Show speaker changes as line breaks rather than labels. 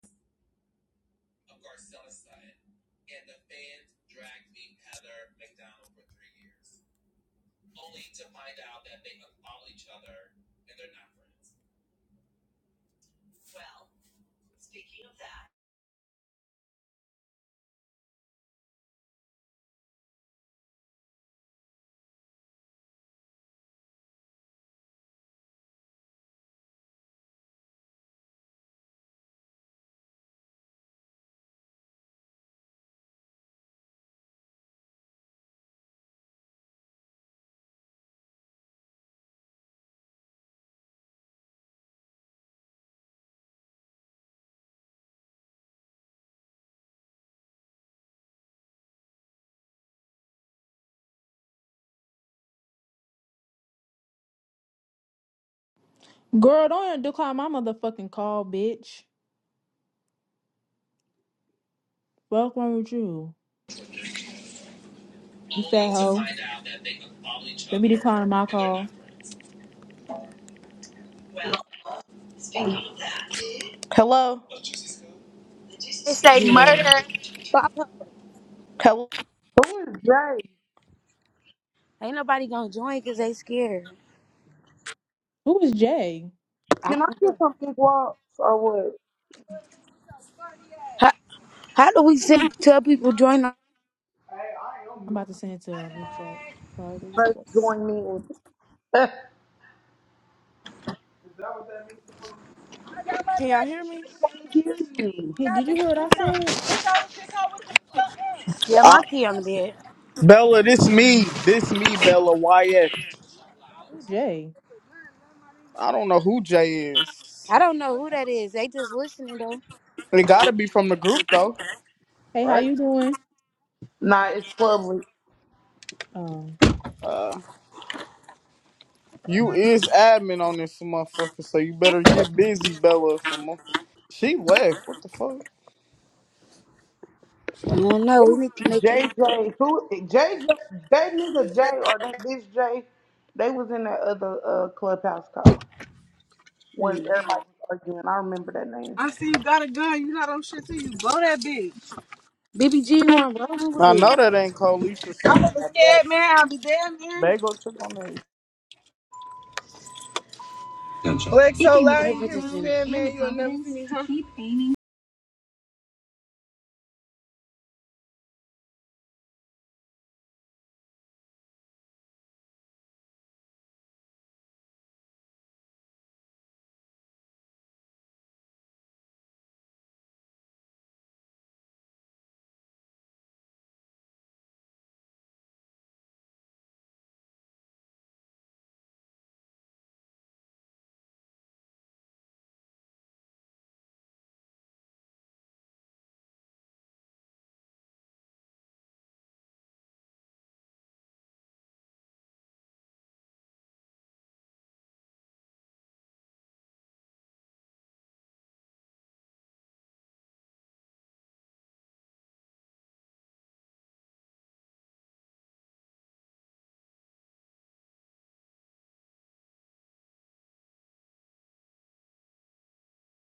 of Garcella's side, and the fans dragged me Heather McDonald for three years, only to find out that they unfollow each other and they're not friends. Well, speaking of that,
Girl, don't decline my motherfucking call, bitch. Fuck wrong with you? You
only
fat
to
hoe.
find out that they unfollow each
Let me
other
decline my
and they're
call.
not friends. Well, speaking of that, Hello. of Juicy Scoop, the Juicy
They
Scoop
say
Yeah. Who
murder.
is
I
and
believe to be true.
pop up.
Hello.
Who is Jay?
Ain't nobody gonna join because they scared.
Jay?
I
Can I
don't
get
know.
some big walks or what?
How, how do we send, tell people join? our-
I'm about to send it to our group chat. Sorry, the group
Let's
chat.
join me.
Can y'all hear me?
I
Since
can't
she
hear
was 20
you.
on
Hey, did you
set,
hear what I said?
and this blurred the lines, and when
Yeah,
it was
my
Uh,
key
over,
on
it
the
was over.
bed.
Bella,
I
this
was the
me.
first
This
one
me, Bella YF.
to call out
Who Jay?
I don't know who Jay is.
I don't know who that is. They just listening though.
It gotta be from the group though,
Hey, how
right?
you doing?
Nah, it's public.
Um,
Uh, you is admin on this motherfucker, so you better get busy, Bella. Some motherfucker. She left. What the fuck?
I don't know. We need to make it.
JJ, who? JJ, that nigga Jay or that bitch Jay, they was in that other uh, clubhouse call when everybody was arguing. I remember that name.
I see you got a gun. You not on shit too. You blow that bitch. BBG, you want rolling
I
with it?
know that ain't Colisha
I'm a
singing that. That
scared man. I'll be damn man.
bagel took on that.
Lex You so loud you with hear me man, you